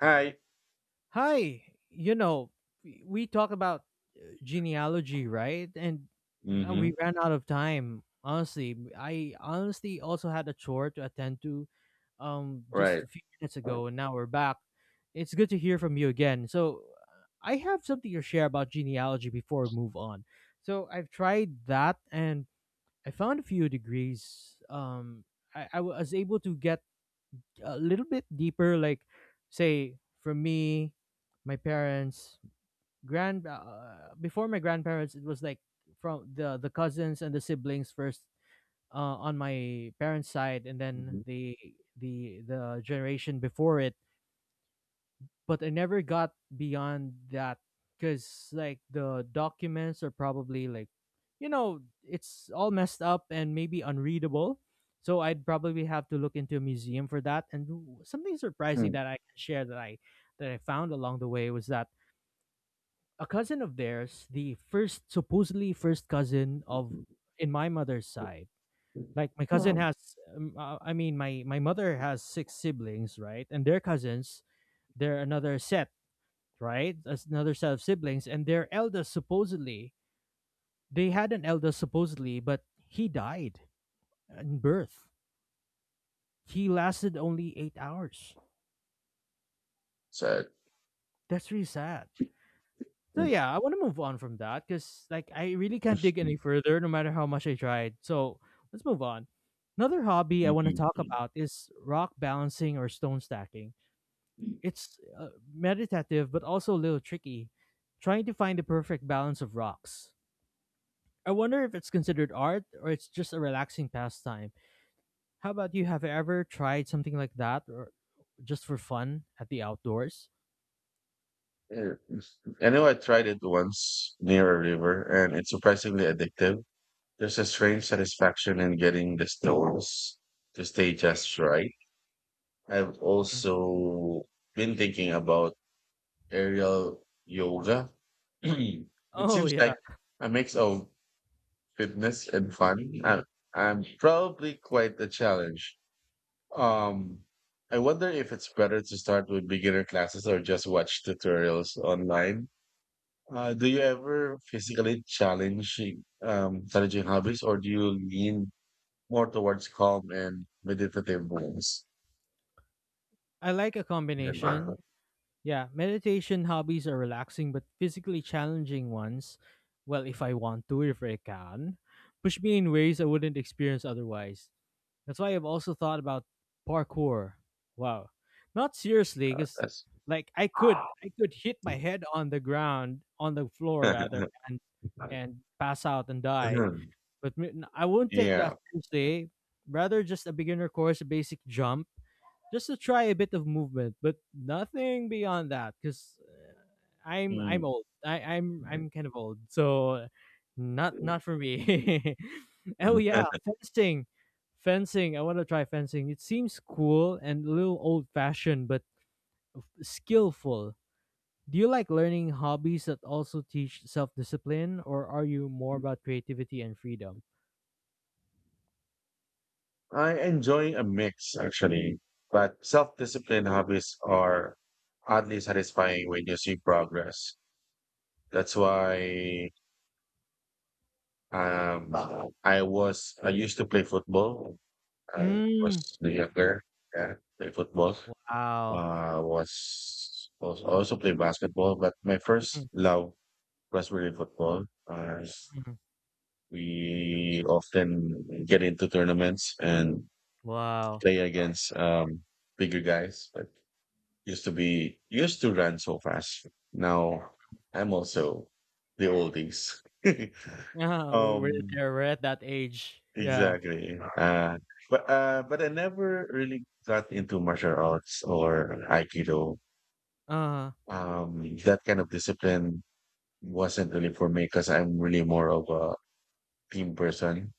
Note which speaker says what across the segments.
Speaker 1: Hi.
Speaker 2: Hi, you know, we talk about genealogy, right? And We
Speaker 1: Mhm.
Speaker 2: ran out of time. Honestly, I honestly also had a chore to attend to just
Speaker 1: Right.
Speaker 2: a few minutes ago and now we're back. It's good to hear from you again. I have something to share about genealogy before we move on. So, I've tried that and I found a few degrees I was able to get a little bit deeper, like say for me my parents grand before my grandparents it was like from the cousins and the siblings first, on my parents side, and then
Speaker 1: Mhm.
Speaker 2: the generation before it, but I never got beyond that because like the documents are probably like, you know, it's all messed up and maybe unreadable. So I'd probably have to look into a museum for that. Something surprising
Speaker 1: Mm,
Speaker 2: that I can share that I found along the way was that a cousin of theirs, the first supposedly first cousin of,
Speaker 1: mhm.
Speaker 2: in my mother's side. Like my cousin
Speaker 1: Um,
Speaker 2: has, I mean, my mother has 6 siblings, right? And their cousins, they're another set, right? That's another set of siblings, and their eldest supposedly, they had an eldest supposedly, but he died in birth. He lasted only 8 hours.
Speaker 1: so,
Speaker 2: That's really sad. So
Speaker 1: mm,
Speaker 2: yeah, I want to move on from that because like I really can't dig any further, no matter how much I tried. So let's move on. Another hobby I
Speaker 1: mhm,
Speaker 2: want to talk
Speaker 1: mhm.
Speaker 2: about is rock balancing or stone stacking. It's meditative but also a little tricky, trying to find the perfect balance of rocks. I wonder if it's considered art or it's just a relaxing pastime. How about you? Have you ever tried something like that or just for fun at the outdoors?
Speaker 1: Yeah. I know I tried it once near a river, and it's surprisingly addictive. There's a strange satisfaction in getting the stones to stay just right. I've
Speaker 2: Mm.
Speaker 1: also been thinking about aerial yoga. It
Speaker 2: Oh,
Speaker 1: seems
Speaker 2: yeah.
Speaker 1: like a mix of fitness and fun. I'm probably quite a challenge. um I wonder if it's better to start with beginner classes or just watch tutorials online. Do you ever physically challenge challenging hobbies, or do you lean more towards calm and meditative ones?
Speaker 2: I like a combination. Yeah, meditation hobbies are relaxing but physically challenging ones. Well, if I want to, if I can, push me in ways I wouldn't experience otherwise. That's why I've also thought about parkour. Wow. Not seriously, because
Speaker 1: That's-
Speaker 2: like I could hit my head on the ground, on the floor rather, and and pass out and die. But m- n- I won't take that
Speaker 1: yeah.
Speaker 2: seriously. Rather just a beginner course, a basic jump just to try a bit of movement, but nothing beyond that because I'm
Speaker 1: Mm.
Speaker 2: old. I'm kind of old, so not not for me. Oh yeah, fencing. I want to try fencing. It seems cool and a little old fashioned, but skillful. Do you like learning hobbies that also teach self discipline, or are you more about creativity and freedom?
Speaker 1: I enjoy a mix, actually, but self-disciplined hobbies are oddly satisfying when you see progress. That's why um I used to play football. I was
Speaker 2: Mm.
Speaker 1: younger, yeah, play football.
Speaker 2: Wow.
Speaker 1: Uh was was also play basketball, but my first love was really football. Uh, we often get into tournaments and
Speaker 2: Wow.
Speaker 1: play against bigger guys, but used to run so fast. Now I'm also the oldies.
Speaker 2: Yeah, we're
Speaker 1: um,
Speaker 2: there. We're at that age. Yeah.
Speaker 1: exactly. But I never really got into martial arts or aikido.
Speaker 2: uh
Speaker 1: That kind of discipline wasn't really for me because I'm really more of a team person.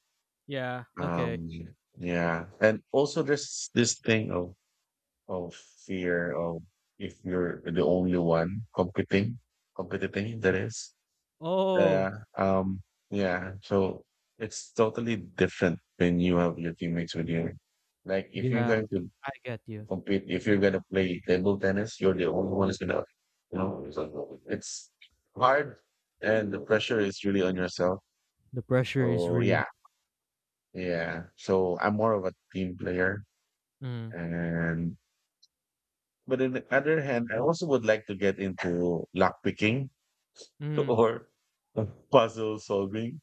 Speaker 2: Yeah. Okay.
Speaker 1: Um, yeah, and also there's this thing of fear of, if you're the only one competing, competing,
Speaker 2: Yeah.
Speaker 1: that is. Yeah.
Speaker 2: Oh,
Speaker 1: Um, yeah. So it's totally different when you have your teammates with you. Like, if you're
Speaker 2: yeah.
Speaker 1: going to
Speaker 2: I get you.
Speaker 1: compete, if you're going to play table tennis, you're the only one who's going to, so it's hard, and the pressure is really on yourself.
Speaker 2: The pressure is
Speaker 1: So
Speaker 2: real.
Speaker 1: yeah, yeah. So I'm more of a team player.
Speaker 2: Mm.
Speaker 1: And But on the other hand, I also would like to get into lockpicking
Speaker 2: Mm.
Speaker 1: or puzzle solving.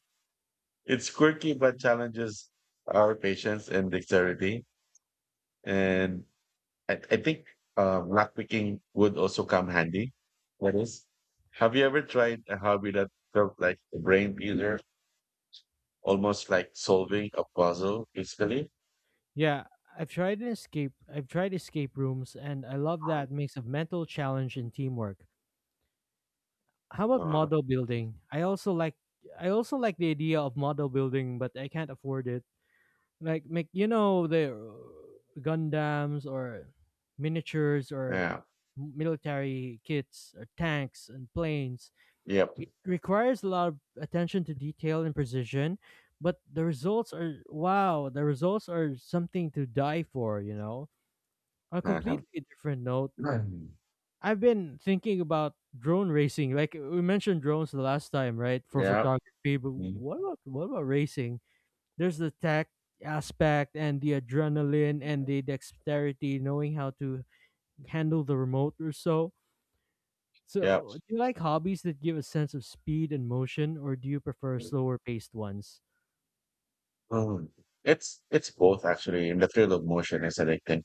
Speaker 1: It's quirky, but challenges our patience and dexterity. And I think lockpicking would also come handy. That is, have you ever tried a hobby that felt like a brain teaser, almost like solving a puzzle physically?
Speaker 2: Yeah. I've tried an escape. I've tried escape rooms, and I love that mix of mental challenge and teamwork. How about
Speaker 1: Uh,
Speaker 2: model building? I also like. I also like the idea of model building, but I can't afford it. Like, make you know the Gundams or miniatures or
Speaker 1: yeah.
Speaker 2: m- military kits or tanks and planes.
Speaker 1: Yep.
Speaker 2: It requires a lot of attention to detail and precision, but the results are wow, the results are something to die for, you know. On a completely different note, I've been thinking about drone racing. Like we mentioned drones the last time, right? For
Speaker 1: Yeah.
Speaker 2: photography, but what about racing? There's the tech aspect and the adrenaline and the dexterity, knowing how to handle the remote or so.
Speaker 1: Yeah.
Speaker 2: So, do you like hobbies that give a sense of speed and motion, or do you prefer slower paced ones?
Speaker 1: Um, it's both, actually. In the field of motion is addicting.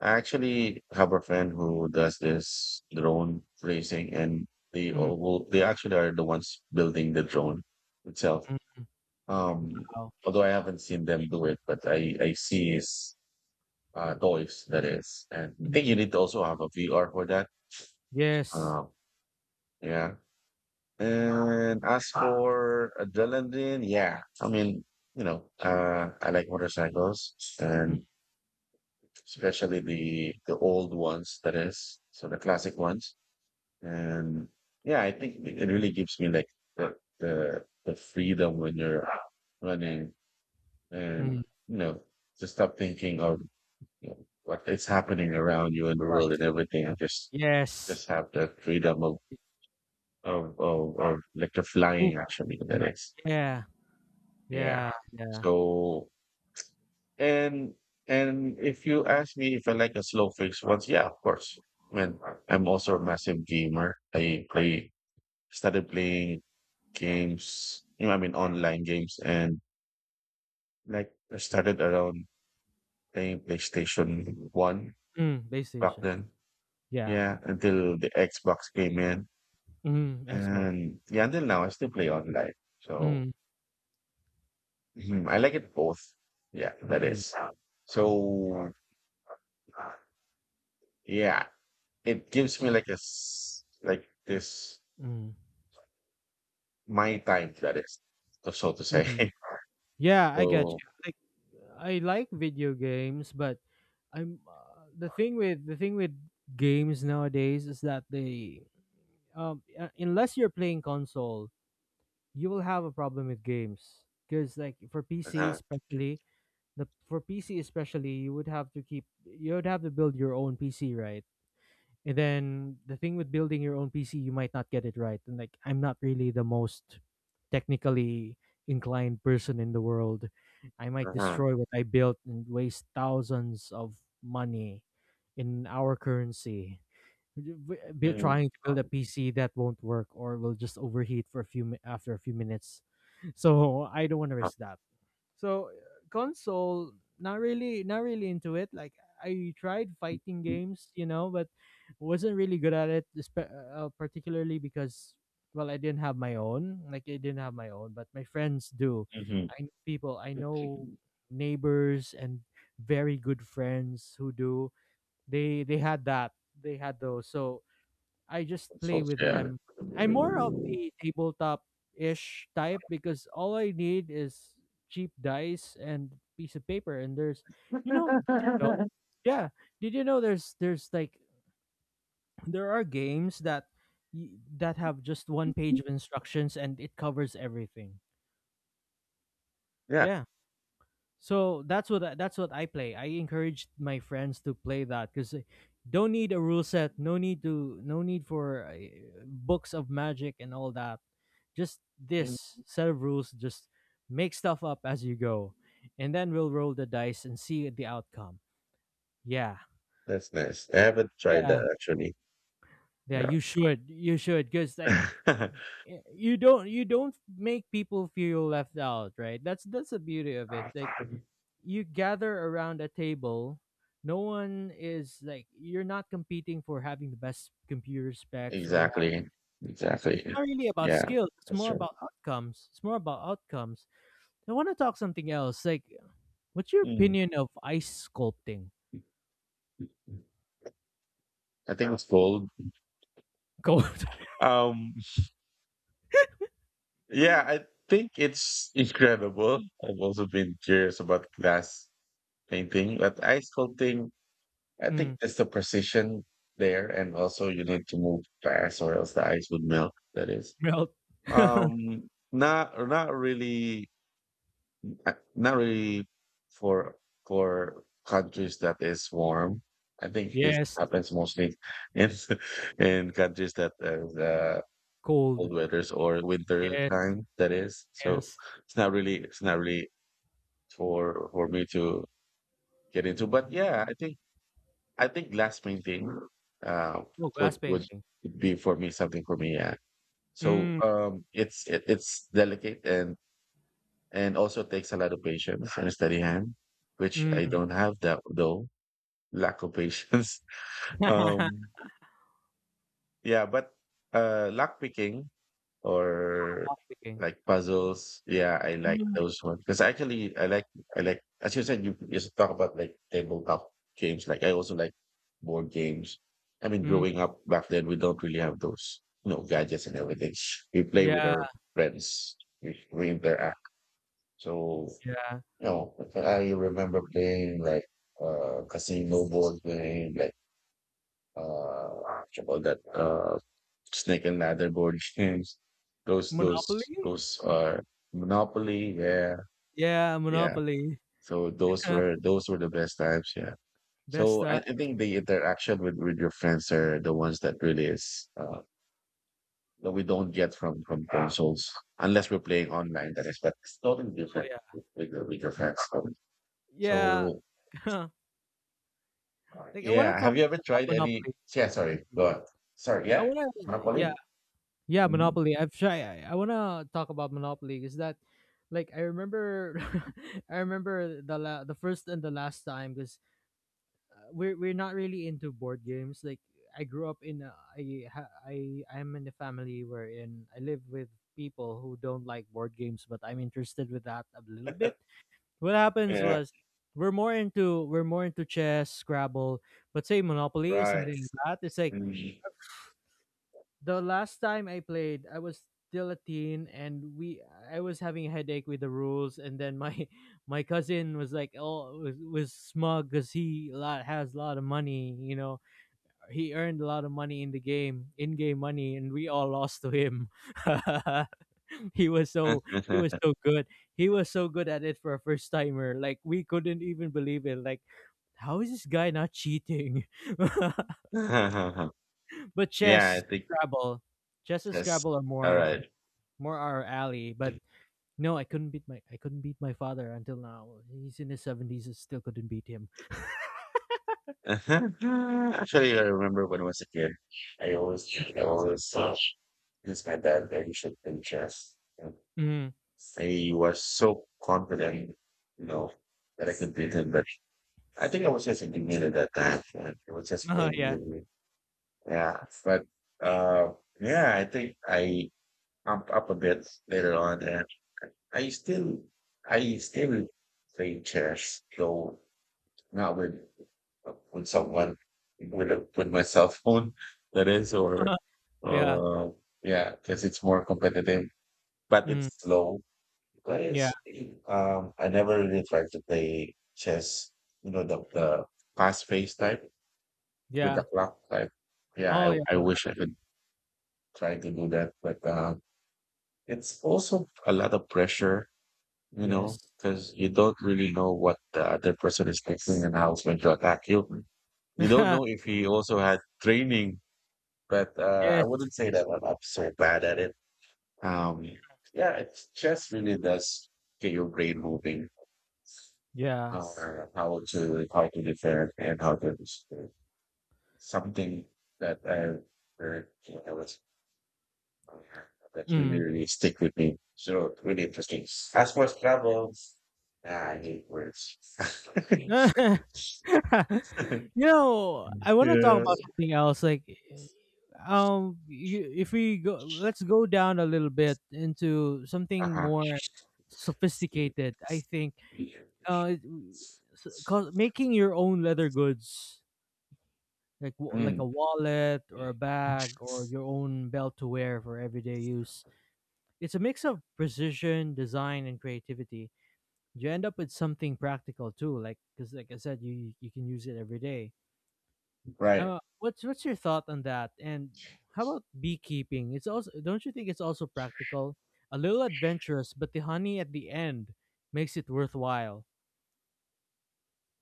Speaker 1: I actually have a friend who does this drone racing, and
Speaker 2: Mm,
Speaker 1: they actually are the ones building the drone itself.
Speaker 2: mm,
Speaker 1: Um,
Speaker 2: wow.
Speaker 1: Although I haven't seen them do it, but I see his toys, that is, and I think you
Speaker 2: Mm,
Speaker 1: need to also have a VR for that.
Speaker 2: yes.
Speaker 1: Um, yeah. And as for adrenaline, yeah, I mean, you know, I like motorcycles,
Speaker 2: Mm,
Speaker 1: and especially the old ones, that is, so the classic ones. And yeah, I think it really gives me, like, the the freedom when you're running, and
Speaker 2: mm,
Speaker 1: you know, to stop thinking of, you know, what is happening around you in the
Speaker 2: what?
Speaker 1: world and everything, and just
Speaker 2: Yes.
Speaker 1: have the freedom of of, like, the
Speaker 2: Move-
Speaker 1: flying, actually, that is.
Speaker 2: Yeah.
Speaker 1: Yeah.
Speaker 2: Yeah. Yeah.
Speaker 1: So. And and if you ask me if I like a slow fix once, yeah, of course. Man, I'm also a massive gamer. I play started playing games, you know, I mean online games, and like, I started around playing PlayStation 1
Speaker 2: Mm,
Speaker 1: back
Speaker 2: PlayStation.
Speaker 1: then.
Speaker 2: Yeah.
Speaker 1: Yeah, until the Xbox came in.
Speaker 2: Mm, Xbox.
Speaker 1: And yeah, until now I still play online. So,
Speaker 2: Mm,
Speaker 1: mhm, I like it both. Yeah, that
Speaker 2: mm,
Speaker 1: is. So yeah. It gives me, like, a s- like this,
Speaker 2: mm,
Speaker 1: my time, that is, so, so to say.
Speaker 2: mm. Yeah, I get
Speaker 1: So,
Speaker 2: you. Like, I like video games, but I'm the thing with games nowadays is that they unless you're playing console, you will have a problem with games because like for PC
Speaker 1: uh-huh,
Speaker 2: especially the for PC especially you would have to keep, you would have to build your own PC, right? And then the thing with building your own PC, you might not get it right. And like I'm not really the most technically inclined person in the world. I might
Speaker 1: uh-huh.
Speaker 2: destroy what I built and waste thousands of money in our currency. Be
Speaker 1: Mm.
Speaker 2: trying to build a PC that won't work or will just overheat for a few mi- after a few minutes. So I don't want to
Speaker 1: Uh,
Speaker 2: risk that. So console, not really, not really into it. Like I tried fighting games, you know, but wasn't really good at it, particularly because well, I didn't have my own. Like I didn't have my own, but my friends do.
Speaker 1: mhm.
Speaker 2: I know people, I know neighbors and very good friends who do. They had that. They had those. So I just play
Speaker 1: So
Speaker 2: with
Speaker 1: yeah.
Speaker 2: them. I'm more of the tabletop-ish type because all I need is cheap dice and piece of paper. And there's, you know, did you know? Yeah, did you know there's there are games that y- that have just one page of instructions and it covers everything.
Speaker 1: Yeah.
Speaker 2: Yeah. So that's what I play. I encourage my friends to play that because don't need a rule set, no need to no need for books of magic and all that. Just
Speaker 1: Mm.
Speaker 2: this set of rules, just make stuff up as you go, and then we'll roll the dice and see the outcome. Yeah,
Speaker 1: That's nice. I haven't tried
Speaker 2: yeah,
Speaker 1: that, actually.
Speaker 2: yeah.
Speaker 1: Yeah.
Speaker 2: You should, you should because like you don't make people feel left out, right? That's the beauty of it. Like you gather around a table, no one is like, you're not competing for having the best computer specs or have,
Speaker 1: Exactly.
Speaker 2: it's
Speaker 1: Exactly.
Speaker 2: not really about
Speaker 1: Yeah,
Speaker 2: skills, it's
Speaker 1: that's
Speaker 2: more
Speaker 1: true.
Speaker 2: about outcomes, it's more about outcomes. I want to talk something else. Like, what's your
Speaker 1: Mm.
Speaker 2: opinion of ice sculpting?
Speaker 1: I think it's gold.
Speaker 2: Cold.
Speaker 1: Um Yeah, I think it's incredible. I've also been curious about glass painting, but ice sculpting, I think
Speaker 2: Mm.
Speaker 1: there's the precision there, and also you need to move fast, or else the ice would melt. That is,
Speaker 2: Melt.
Speaker 1: not really, not really for countries that is warm. I think this
Speaker 2: Yes.
Speaker 1: happens mostly in in countries that
Speaker 2: Cold.
Speaker 1: cold weathers or winter
Speaker 2: Yes.
Speaker 1: time, that is. So
Speaker 2: Yes.
Speaker 1: it's not really, for me to get into, but yeah, I think glass painting uh
Speaker 2: Oh, glass
Speaker 1: would
Speaker 2: painting.
Speaker 1: be for me, something for me, yeah. So
Speaker 2: Mm.
Speaker 1: it's delicate, and also takes a lot of patience and a steady hand, which I
Speaker 2: Mm.
Speaker 1: don't have that, though. Lack of patience. um yeah, but lock picking or,
Speaker 2: Block picking.
Speaker 1: like, puzzles. Yeah, I like
Speaker 2: Mm.
Speaker 1: those ones because actually I like, as you said, you talk about, like, tabletop games. Like, I also like board games. I mean,
Speaker 2: Mm.
Speaker 1: growing up back then, we don't really have those, you know, gadgets and everything. We play with
Speaker 2: Yeah.
Speaker 1: our friends. We interact. So,
Speaker 2: Yeah.
Speaker 1: you know, I remember playing like casino board game, like, what you call that, Snake and Ladder board games. Those those
Speaker 2: Monopoly?
Speaker 1: those are Monopoly. Yeah,
Speaker 2: Yeah,
Speaker 1: yeah.
Speaker 2: Monopoly.
Speaker 1: So those were the best times. Yeah.
Speaker 2: Best
Speaker 1: So I,
Speaker 2: time.
Speaker 1: I think the interaction with your friends are the ones that really is, that we don't get from consoles unless we're playing online. That is, but it's totally
Speaker 2: Oh
Speaker 1: different
Speaker 2: yeah.
Speaker 1: with your friends. So,
Speaker 2: Yeah.
Speaker 1: so,
Speaker 2: Like, I wanna
Speaker 1: yeah. Have you
Speaker 2: comment
Speaker 1: ever
Speaker 2: about
Speaker 1: tried any?
Speaker 2: Monopoly.
Speaker 1: Yeah. Sorry. Go on. Sorry.
Speaker 2: I
Speaker 1: Yeah.
Speaker 2: wanna Yeah.
Speaker 1: Monopoly.
Speaker 2: Yeah,
Speaker 1: Mhm.
Speaker 2: Monopoly. I wanna talk about Monopoly is that like I remember, I remember the first and the last time because we're not really into board games. Like I grew up in a, I ha- I I'm in a family wherein I live with people who don't like board games, but I'm interested with that a little bit. What happens
Speaker 1: Yeah.
Speaker 2: was we're more into chess, Scrabble, but say Monopoly, something
Speaker 1: Right.
Speaker 2: like that. It's like
Speaker 1: Mhm.
Speaker 2: the last time I played, I was still a teen and we I was having a headache with the rules, and then my my cousin was like oh was smug because he lot has a lot of money, you know, he earned a lot of money in the game, in-game money, and we all lost to him. he was so he was so good. He was so good at it for a first timer. Like we couldn't even believe it. Like how is this guy not cheating? But
Speaker 1: Yeah,
Speaker 2: chess,
Speaker 1: I think
Speaker 2: Scrabble, chess and
Speaker 1: yes.
Speaker 2: Scrabble are
Speaker 1: All
Speaker 2: more
Speaker 1: right.
Speaker 2: more our alley. But no, I couldn't beat my father until now. He's in his seventies, I still couldn't beat him.
Speaker 1: Actually, I remember when I was a kid, I always, I always used my dad very short in chess. And
Speaker 2: Mm.
Speaker 1: he was so confident, you know, that I could beat him. But I think I was just a beginner at that time. And I was just playing
Speaker 2: Yeah,
Speaker 1: with me. Yeah, but uh, yeah, I think I, up a bit later on, and I still, I still play chess, though not with someone, with my cell phone, that is, or
Speaker 2: yeah,
Speaker 1: uh yeah, because it's more competitive, but
Speaker 2: mm.
Speaker 1: it's slow,
Speaker 2: Yeah,
Speaker 1: because I never really tried to play chess, you know, the fast pace type, with the
Speaker 2: yeah.
Speaker 1: clock type. Yeah,
Speaker 2: Oh yeah,
Speaker 1: I wish I could try to do that, but it's also a lot of pressure, you know,
Speaker 2: yes.
Speaker 1: because you don't really know what the other person is thinking, and how it's going to attack you. You don't know if he also had training, but I
Speaker 2: Yes.
Speaker 1: wouldn't say that I'm so bad at it. Um, yeah, it's, chess really does get your brain moving,
Speaker 2: Yeah.
Speaker 1: uh, how to, defend, and how to something that I heard when I was, uh, that really,
Speaker 2: Mm.
Speaker 1: really stick with me. So really interesting. As for Scrabble, yeah, I hate words.
Speaker 2: You know, I want to talk
Speaker 1: Yeah.
Speaker 2: about something else. Like, if we go, let's go down a little bit into something
Speaker 1: Uh-huh.
Speaker 2: more sophisticated. I think, uh, it- cause making your own leather goods, like like
Speaker 1: Mm,
Speaker 2: a wallet or a bag or your own belt to wear for everyday use. It's a mix of precision, design, and creativity. You end up with something practical too, like, because like I said, you can use it every day.
Speaker 1: right.
Speaker 2: What's your thought on that? And how about beekeeping? It's also, don't you think it's also practical, a little adventurous, but the honey at the end makes it worthwhile.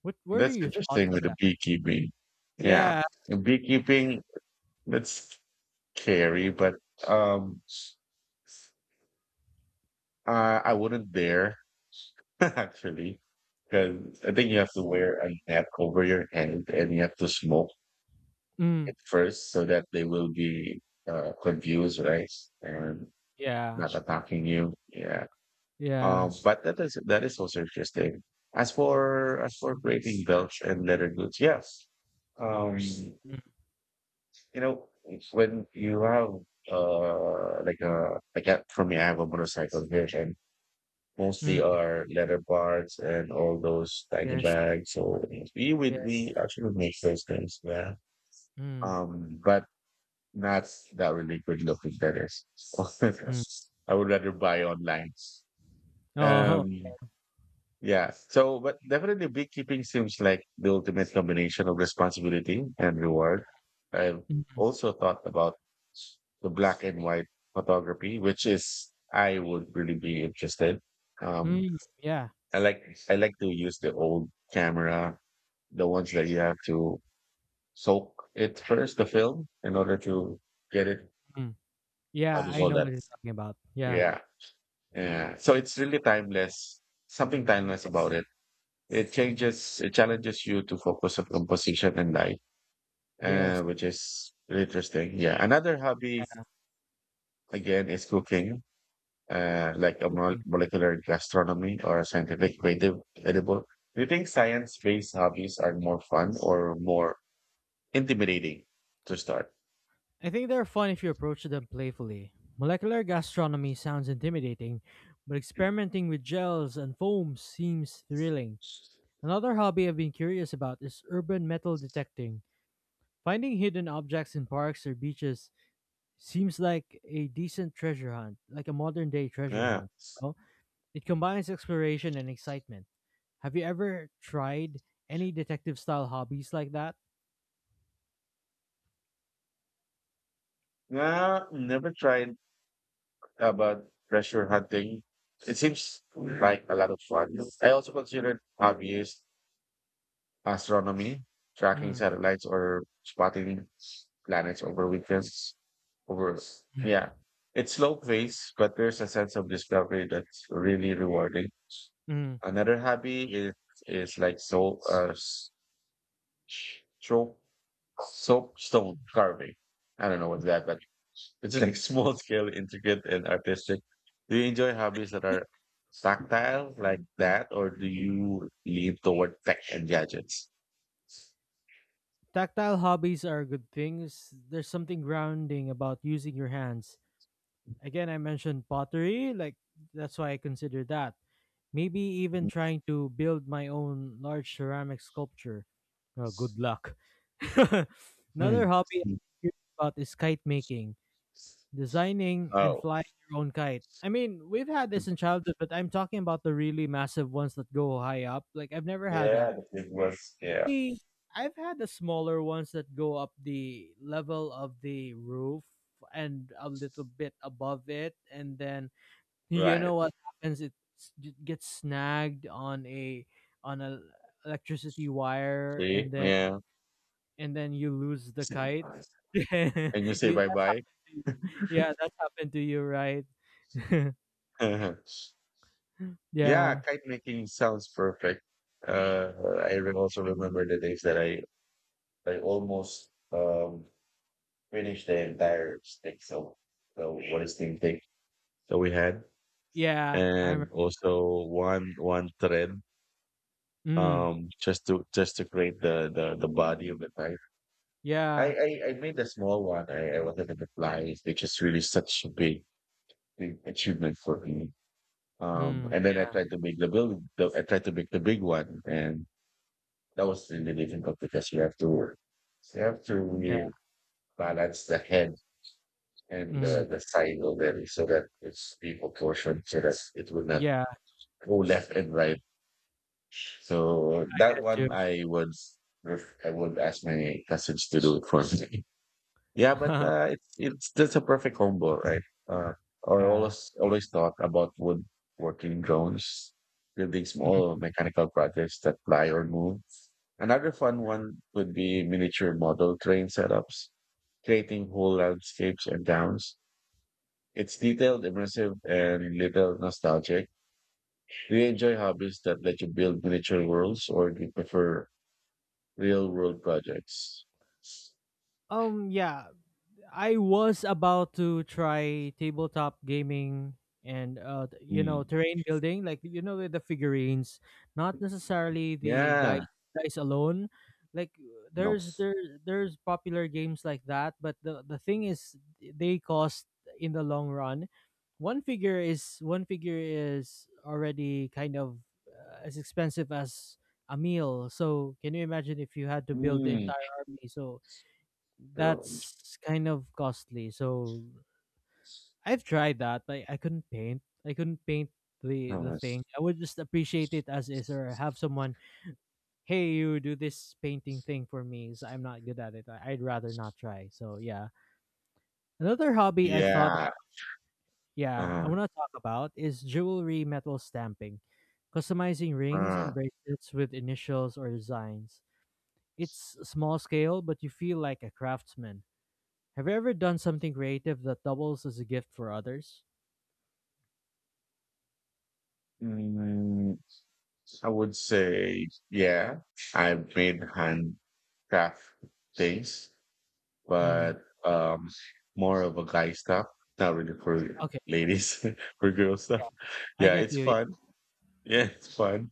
Speaker 2: What are
Speaker 1: That's
Speaker 2: your thoughts
Speaker 1: interesting
Speaker 2: on
Speaker 1: with the
Speaker 2: that?
Speaker 1: beekeeping. Yeah.
Speaker 2: Yeah,
Speaker 1: The beekeeping, that's scary, but um I wouldn't dare actually, because I think you have to wear a net over your head, and you have to smoke.
Speaker 2: mm,
Speaker 1: At first, so that they will be, confused, right? And
Speaker 2: yeah,
Speaker 1: not attacking you. Yeah.
Speaker 2: yeah,
Speaker 1: But that is also interesting. As for, creating belts and leather goods, yes. You
Speaker 2: mm,
Speaker 1: know, when you have like a, for me, I have a motorcycle here, and mostly
Speaker 2: mm,
Speaker 1: are leather parts and all those tiny
Speaker 2: yes,
Speaker 1: bags. So
Speaker 2: yeah,
Speaker 1: we actually make those things, yeah.
Speaker 2: mm,
Speaker 1: But That's that really good looking, that is.
Speaker 2: mm.
Speaker 1: I would rather buy online.
Speaker 2: Oh.
Speaker 1: Um, yeah. So, but definitely beekeeping seems like the ultimate combination of responsibility and reward. I've
Speaker 2: Mm,
Speaker 1: also thought about the black and white photography, which is, I would really be interested. Um,
Speaker 2: mm, yeah,
Speaker 1: I like, to use the old camera, the ones that you have to soak it first, the film, in order to get it.
Speaker 2: mm, yeah,
Speaker 1: How do you
Speaker 2: I
Speaker 1: call
Speaker 2: know
Speaker 1: that?
Speaker 2: what you're talking about. Yeah,
Speaker 1: Yeah, yeah. So it's really timeless. Something timeless about it. It changes, it challenges you to focus on composition and light,
Speaker 2: yes,
Speaker 1: which is really interesting. Yeah. Another hobby
Speaker 2: yeah,
Speaker 1: again is cooking, like a
Speaker 2: okay.
Speaker 1: molecular gastronomy or a scientific creative edible. Do you think science-based hobbies are more fun or more intimidating to start?
Speaker 2: I think they're fun if you approach them playfully. Molecular gastronomy sounds intimidating, but experimenting with gels and foams seems thrilling. Another hobby I've been curious about is urban metal detecting. Finding hidden objects in parks or beaches seems like a decent treasure hunt, like a modern day treasure
Speaker 1: Yeah.
Speaker 2: hunt, you know? It combines exploration and excitement. Have you ever tried any detective style hobbies like that?
Speaker 1: Nah, never tried about treasure hunting. It seems like a lot of fun. I also considered hobbies, astronomy, tracking
Speaker 2: Mm.
Speaker 1: satellites, or spotting planets over weekends. Over, yeah, it's slow pace, but there's a sense of discovery that's really rewarding.
Speaker 2: Mm.
Speaker 1: Another hobby is, like, so, soap soap stone carving. I don't know what's that, but it's like small scale, intricate, and artistic. Do you enjoy hobbies that are tactile like that, or do you lean toward tech and gadgets?
Speaker 2: Tactile hobbies are good things. There's something grounding about using your hands. Again, I mentioned pottery, that's why I consider that. Maybe even trying to build my own large ceramic sculpture. Oh, good luck. Another
Speaker 1: Hmm.
Speaker 2: hobby I'm curious about is kite making, designing and
Speaker 1: Oh,
Speaker 2: flying your own kite. I mean, we've had this in childhood, but I'm talking about the really massive ones that go high up. Like I've never had that.
Speaker 1: yeah, the big was, yeah,
Speaker 2: I I've had the smaller ones that go up the level of the roof and a little bit above it, and then you know
Speaker 1: right.
Speaker 2: what happens? It gets snagged on a electricity wire,
Speaker 1: See, yeah,
Speaker 2: and then you lose the kite. Yeah,
Speaker 1: and you say bye
Speaker 2: that's how
Speaker 1: bye.
Speaker 2: you, yeah, that's happened to you, right?
Speaker 1: Yeah,
Speaker 2: Yeah,
Speaker 1: kite making sounds perfect. Uh, also remember the days that I almost finished the entire stick. So, so what is team thing? That we had
Speaker 2: yeah, I remember.
Speaker 1: and also one thread,
Speaker 2: Mm,
Speaker 1: just to create the body of the kite. I,
Speaker 2: yeah,
Speaker 1: I i made a small one. I was wanted to fly, which is really such a big achievement for me.
Speaker 2: mm,
Speaker 1: And then i
Speaker 2: yeah,
Speaker 1: tried to make the building the, i tried to make the big one, and that was really difficult because you have to
Speaker 2: yeah,
Speaker 1: really balance the head and
Speaker 2: mm,
Speaker 1: the side of, so that it's be proportioned so that it will not
Speaker 2: yeah,
Speaker 1: go left and right. So
Speaker 2: I
Speaker 1: that
Speaker 2: get
Speaker 1: one
Speaker 2: you.
Speaker 1: I would I would ask my cousins to do it for me. Yeah, but it's just a perfect combo, right? Uh, I
Speaker 2: yeah.
Speaker 1: always always thought about woodworking drones, building
Speaker 2: mm.
Speaker 1: small mechanical projects that fly or move. Another fun one would be miniature model train setups, creating whole landscapes and towns. It's detailed, immersive, and little nostalgic. Do you enjoy hobbies that let you build miniature worlds, or do you prefer real world projects?
Speaker 2: Yeah, I was about to try tabletop gaming and you know,
Speaker 1: Mm.
Speaker 2: terrain building, the figurines, not necessarily the dice
Speaker 1: Yeah.
Speaker 2: dice alone. Like
Speaker 1: No.
Speaker 2: there's popular games like that, but the thing is, they cost in the long run. One figure is already kind of as expensive as a meal. So can you imagine if you had to build the
Speaker 1: Mm.
Speaker 2: entire army? So that's kind of costly. So I've tried that, but I couldn't paint. I couldn't paint the
Speaker 1: Gosh.
Speaker 2: thing. I would just appreciate it as is, or have someone, hey, you do this painting thing for me. So I'm not good at it. I'd rather not try. So yeah, another hobby I've thought about.
Speaker 1: Yeah.
Speaker 2: Yeah, I
Speaker 1: Uh,
Speaker 2: want to talk about is jewelry metal stamping, customizing rings
Speaker 1: uh,
Speaker 2: and bracelets with initials or designs. It's small scale, but you feel like a craftsman. Have you ever done something creative that doubles as a gift for others?
Speaker 1: mm, I would say, yeah, I've made handcraft things,
Speaker 2: Mm.
Speaker 1: but more of a guy stuff, not really for
Speaker 2: Okay.
Speaker 1: ladies, for girl stuff.
Speaker 2: Yeah. I
Speaker 1: Yeah,
Speaker 2: get
Speaker 1: it's
Speaker 2: you. Yeah.
Speaker 1: fun. Yeah, it's fun.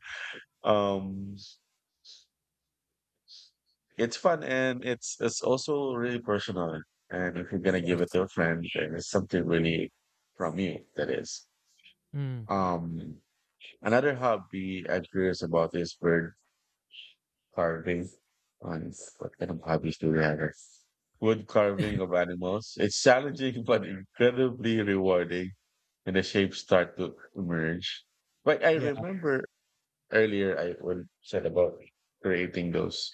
Speaker 1: Um, It's fun, and it's also really personal. And if you're gonna give it
Speaker 2: Yes.
Speaker 1: to a friend, then it's something really from you. That is.
Speaker 2: Mm.
Speaker 1: Um, another hobby I'm curious about is bird carving. On, what kind of hobbies do we have here? Wood carving of animals. It's challenging but incredibly rewarding, and the shapes start to emerge. But I
Speaker 2: Yeah.
Speaker 1: remember earlier I would said about creating those,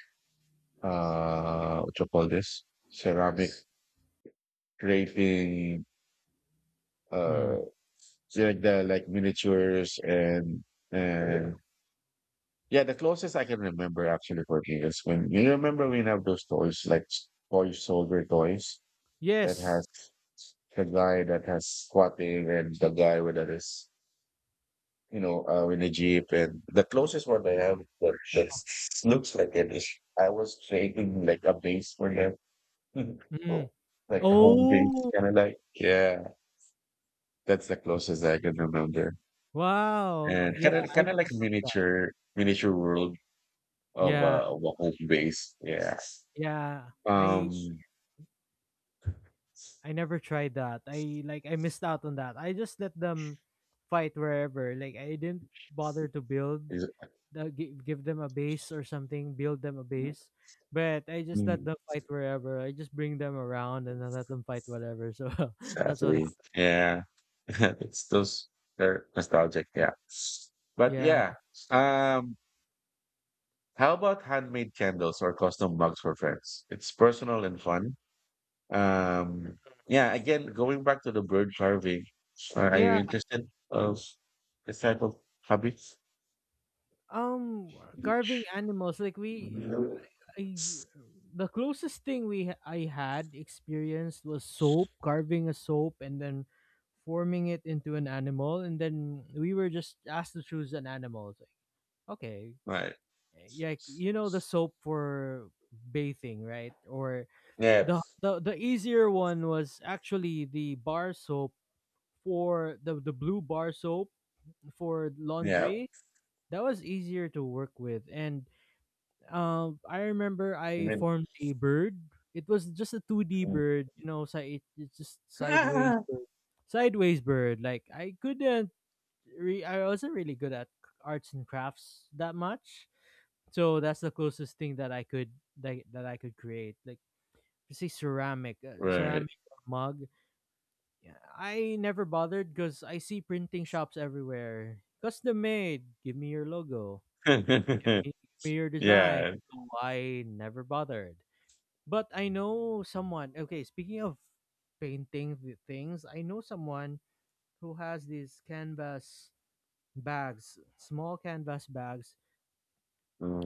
Speaker 1: what you call this, ceramic, creating,
Speaker 2: Mm.
Speaker 1: uh like the, like miniatures and
Speaker 2: Yeah.
Speaker 1: and yeah, the closest I can remember actually for me is when, you remember we have those toys like toy soldier toys that has
Speaker 2: Yes.
Speaker 1: the guy that has squatting, and the guy with that is, you know, in a jeep, and the closest one I have that
Speaker 2: Yeah.
Speaker 1: that's, looks like it is, I was creating like a base for them.
Speaker 2: Mm.
Speaker 1: Oh, like a home base
Speaker 2: Oh.
Speaker 1: kind of like, yeah, that's the closest I can remember.
Speaker 2: Wow.
Speaker 1: And
Speaker 2: Yeah.
Speaker 1: kind of
Speaker 2: I
Speaker 1: kind of like
Speaker 2: never.
Speaker 1: miniature world of
Speaker 2: Yeah.
Speaker 1: a home base. Yeah.
Speaker 2: Yeah,
Speaker 1: Um.
Speaker 2: I never tried that. I missed out on that. I just let them fight wherever. Like I didn't bother to build
Speaker 1: Is,
Speaker 2: the give them a base or something, build them a base. But I just let
Speaker 1: mm,
Speaker 2: them fight wherever. I just bring them around and I let them fight whatever. So that's what
Speaker 1: sadly, yeah. It's those, they're nostalgic. Yeah. But
Speaker 2: Yeah,
Speaker 1: yeah. Um. How about handmade candles or custom mugs for friends? It's personal and fun. Um. Yeah. Again, going back to the bird carving. Are you
Speaker 2: yeah.
Speaker 1: interested of this type of hobby?
Speaker 2: Um, carving animals
Speaker 1: Mhm.
Speaker 2: I, the closest thing I had experienced was soap, carving a soap and then forming it into an animal, and then we were just asked to choose an animal. It's like, okay,
Speaker 1: Right.
Speaker 2: yeah, you know the soap for bathing, right? Or
Speaker 1: Yeah.
Speaker 2: the easier one was actually the bar soap for the blue bar soap for
Speaker 1: Yeah.
Speaker 2: laundry. That was easier to work with, and I remember
Speaker 1: You
Speaker 2: I
Speaker 1: mean,
Speaker 2: formed a bird. It was just a two D bird, you know. So it's just sideways,
Speaker 1: mm.
Speaker 2: bird. Sideways bird. Like I couldn't, I wasn't really good at arts and crafts that much. So that's the closest thing that I could that I could create. Like say
Speaker 1: Right.
Speaker 2: ceramic mug. Yeah, I never bothered because I see printing shops everywhere. Custom made, give me your logo, give me your design.
Speaker 1: Yeah.
Speaker 2: So I never bothered. But I know someone, okay, speaking of painting things, I know someone who has these canvas bags, small canvas bags.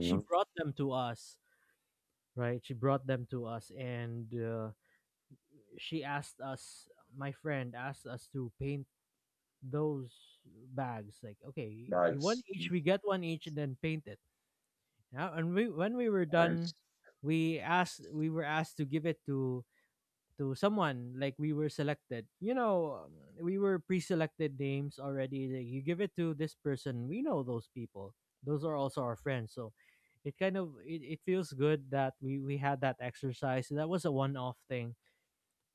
Speaker 2: She brought them to us, right? She brought them to us and she asked us, my friend asked us to paint those bags, like, okay, you one
Speaker 1: Nice.
Speaker 2: each, we get one each, and then paint it. Yeah, and we when we were done,
Speaker 1: Nice.
Speaker 2: we were asked to give it to someone, like we were selected, you know. We were pre-selected names already, like, you give it to this person, we know those people, those are also our friends. So it kind of it feels good that we had that exercise. That was a one-off thing.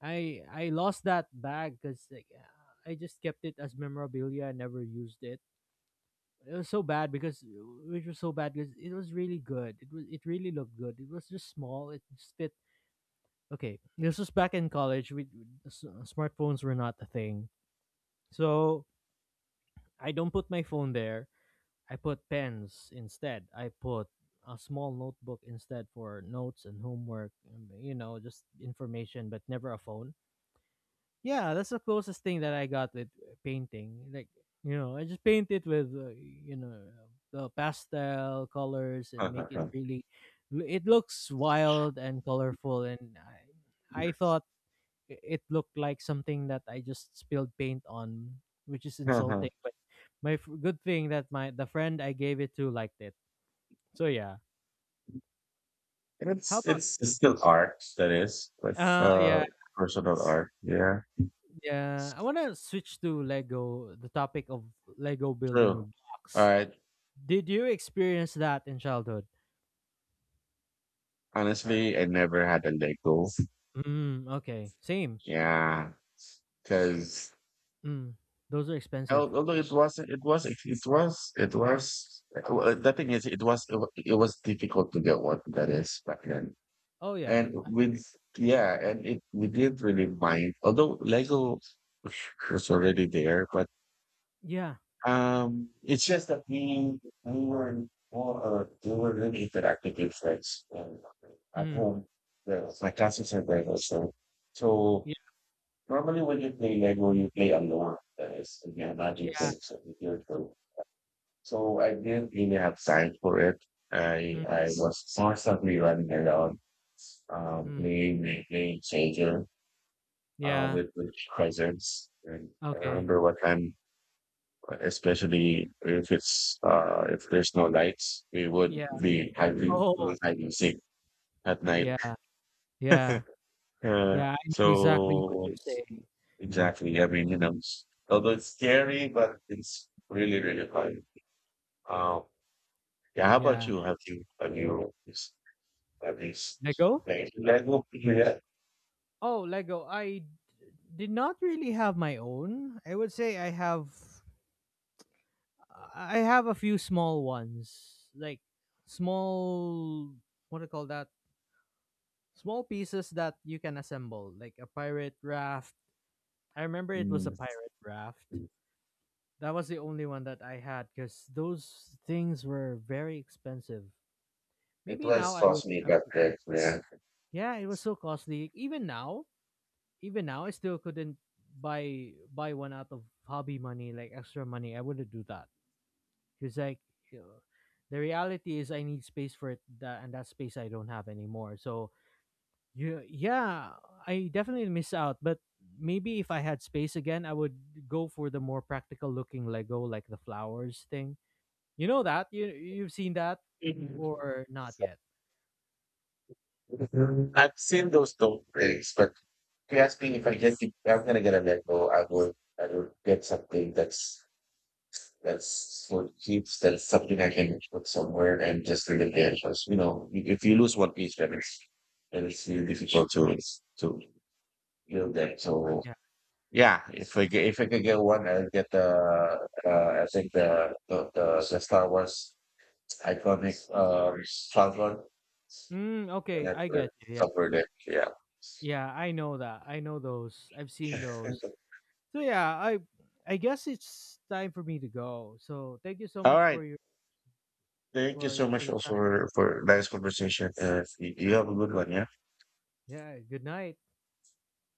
Speaker 2: I lost that bag because I just kept it as memorabilia. I never used it. It was so bad because Which was so bad because it was really good. It was it really looked good. It was just small. It just fit. Okay, this was back in college. Smartphones were not a thing, so I don't put my phone there. I put pens instead. I put a small notebook instead for notes and homework. You know, just information, but never a phone. Yeah, that's the closest thing that I got with painting. Like, you know, I just paint it with, you know, the pastel colors and make it really, it looks wild and colorful. And I thought it looked like something that I just spilled paint on, which is
Speaker 1: Uh-huh.
Speaker 2: insulting. But good thing that my the friend I gave it to liked it. So yeah.
Speaker 1: And
Speaker 2: How
Speaker 1: it's
Speaker 2: about
Speaker 1: it's it's still art that is, but
Speaker 2: uh
Speaker 1: uh,
Speaker 2: yeah
Speaker 1: personal art. Yeah.
Speaker 2: yeah, I want to switch to Lego, the topic of Lego building
Speaker 1: True.
Speaker 2: blocks.
Speaker 1: Alright.
Speaker 2: Did you experience that in childhood?
Speaker 1: Honestly, I never had a Lego.
Speaker 2: Mm, okay. Same.
Speaker 1: Yeah. Cause,
Speaker 2: Mm, those are expensive.
Speaker 1: Al- Although it was, it was, it was, it was. Well, the thing is, it was difficult to get one that is back then,
Speaker 2: Oh yeah.
Speaker 1: and with, yeah, and it, we didn't really mind. Although Lego was already there, but
Speaker 2: Yeah.
Speaker 1: it's just that we were more, we were really interactive with friends and at
Speaker 2: Mm,
Speaker 1: home. The, my classes are there also, so
Speaker 2: yeah.
Speaker 1: normally when you play Lego, you play alone. That is, you can imagine
Speaker 2: Yeah.
Speaker 1: things that you do. So I didn't really have time for it. I
Speaker 2: Mm,
Speaker 1: I was constantly running around,
Speaker 2: mm,
Speaker 1: playing my playing soldier,
Speaker 2: yeah.
Speaker 1: with cousins. And I
Speaker 2: Okay.
Speaker 1: remember what time, especially if it's, uh, if there's no lights, we would
Speaker 2: Yeah.
Speaker 1: be having
Speaker 2: Oh.
Speaker 1: hide seek at night.
Speaker 2: Yeah. Yeah.
Speaker 1: Uh,
Speaker 2: Yeah. I know exactly what
Speaker 1: so
Speaker 2: you're saying.
Speaker 1: exactly, I mean, you know, although it's scary, but it's really fun. Um, yeah. How about
Speaker 2: Yeah.
Speaker 1: you? Have you? At least.
Speaker 2: Lego?
Speaker 1: Like, that will be it.
Speaker 2: Oh, Lego. I did not really have my own. I would say I have a few small ones. Like small, what do you call that? Small pieces that you can assemble, like a pirate raft. I remember it was a pirate raft. That was the only one that I had because those things were very expensive.
Speaker 1: It
Speaker 2: Maybe now
Speaker 1: was
Speaker 2: I would.
Speaker 1: cosmic
Speaker 2: Up-
Speaker 1: at that, yeah.
Speaker 2: Yeah, it was so costly. Even now, I still couldn't buy one out of hobby money, like extra money. I wouldn't do that because like, you know, the reality is I need space for it, that, and that space I don't have anymore. So yeah, yeah, I definitely miss out, but maybe if I had space again, I would go for the more practical looking Lego, like the flowers thing. You know that? You you've seen that
Speaker 1: Mhm.
Speaker 2: or not yet?
Speaker 1: I've seen those dog breaks, but if you ask me if I'm gonna get a Lego, I would get something that's for keeps, that's something I can put somewhere and just leave it there. Because you know, if you lose one piece, then it's really difficult to to build that. So,
Speaker 2: Yeah.
Speaker 1: yeah, if we get, if we could get one, I'll get the, I think the Star Wars iconic, cloud one,
Speaker 2: Mm,
Speaker 1: and
Speaker 2: okay,
Speaker 1: I
Speaker 2: I
Speaker 1: put
Speaker 2: get
Speaker 1: it
Speaker 2: you. Yeah.
Speaker 1: somewhere there. Yeah.
Speaker 2: Yeah, I know that. I know those. I've seen those. So yeah, I guess it's time for me to go. So thank you so
Speaker 1: All
Speaker 2: much
Speaker 1: right.
Speaker 2: for your
Speaker 1: Thank you so
Speaker 2: for
Speaker 1: much
Speaker 2: the
Speaker 1: also
Speaker 2: time.
Speaker 1: for nice conversation. You have a good one. Yeah.
Speaker 2: Yeah, good night.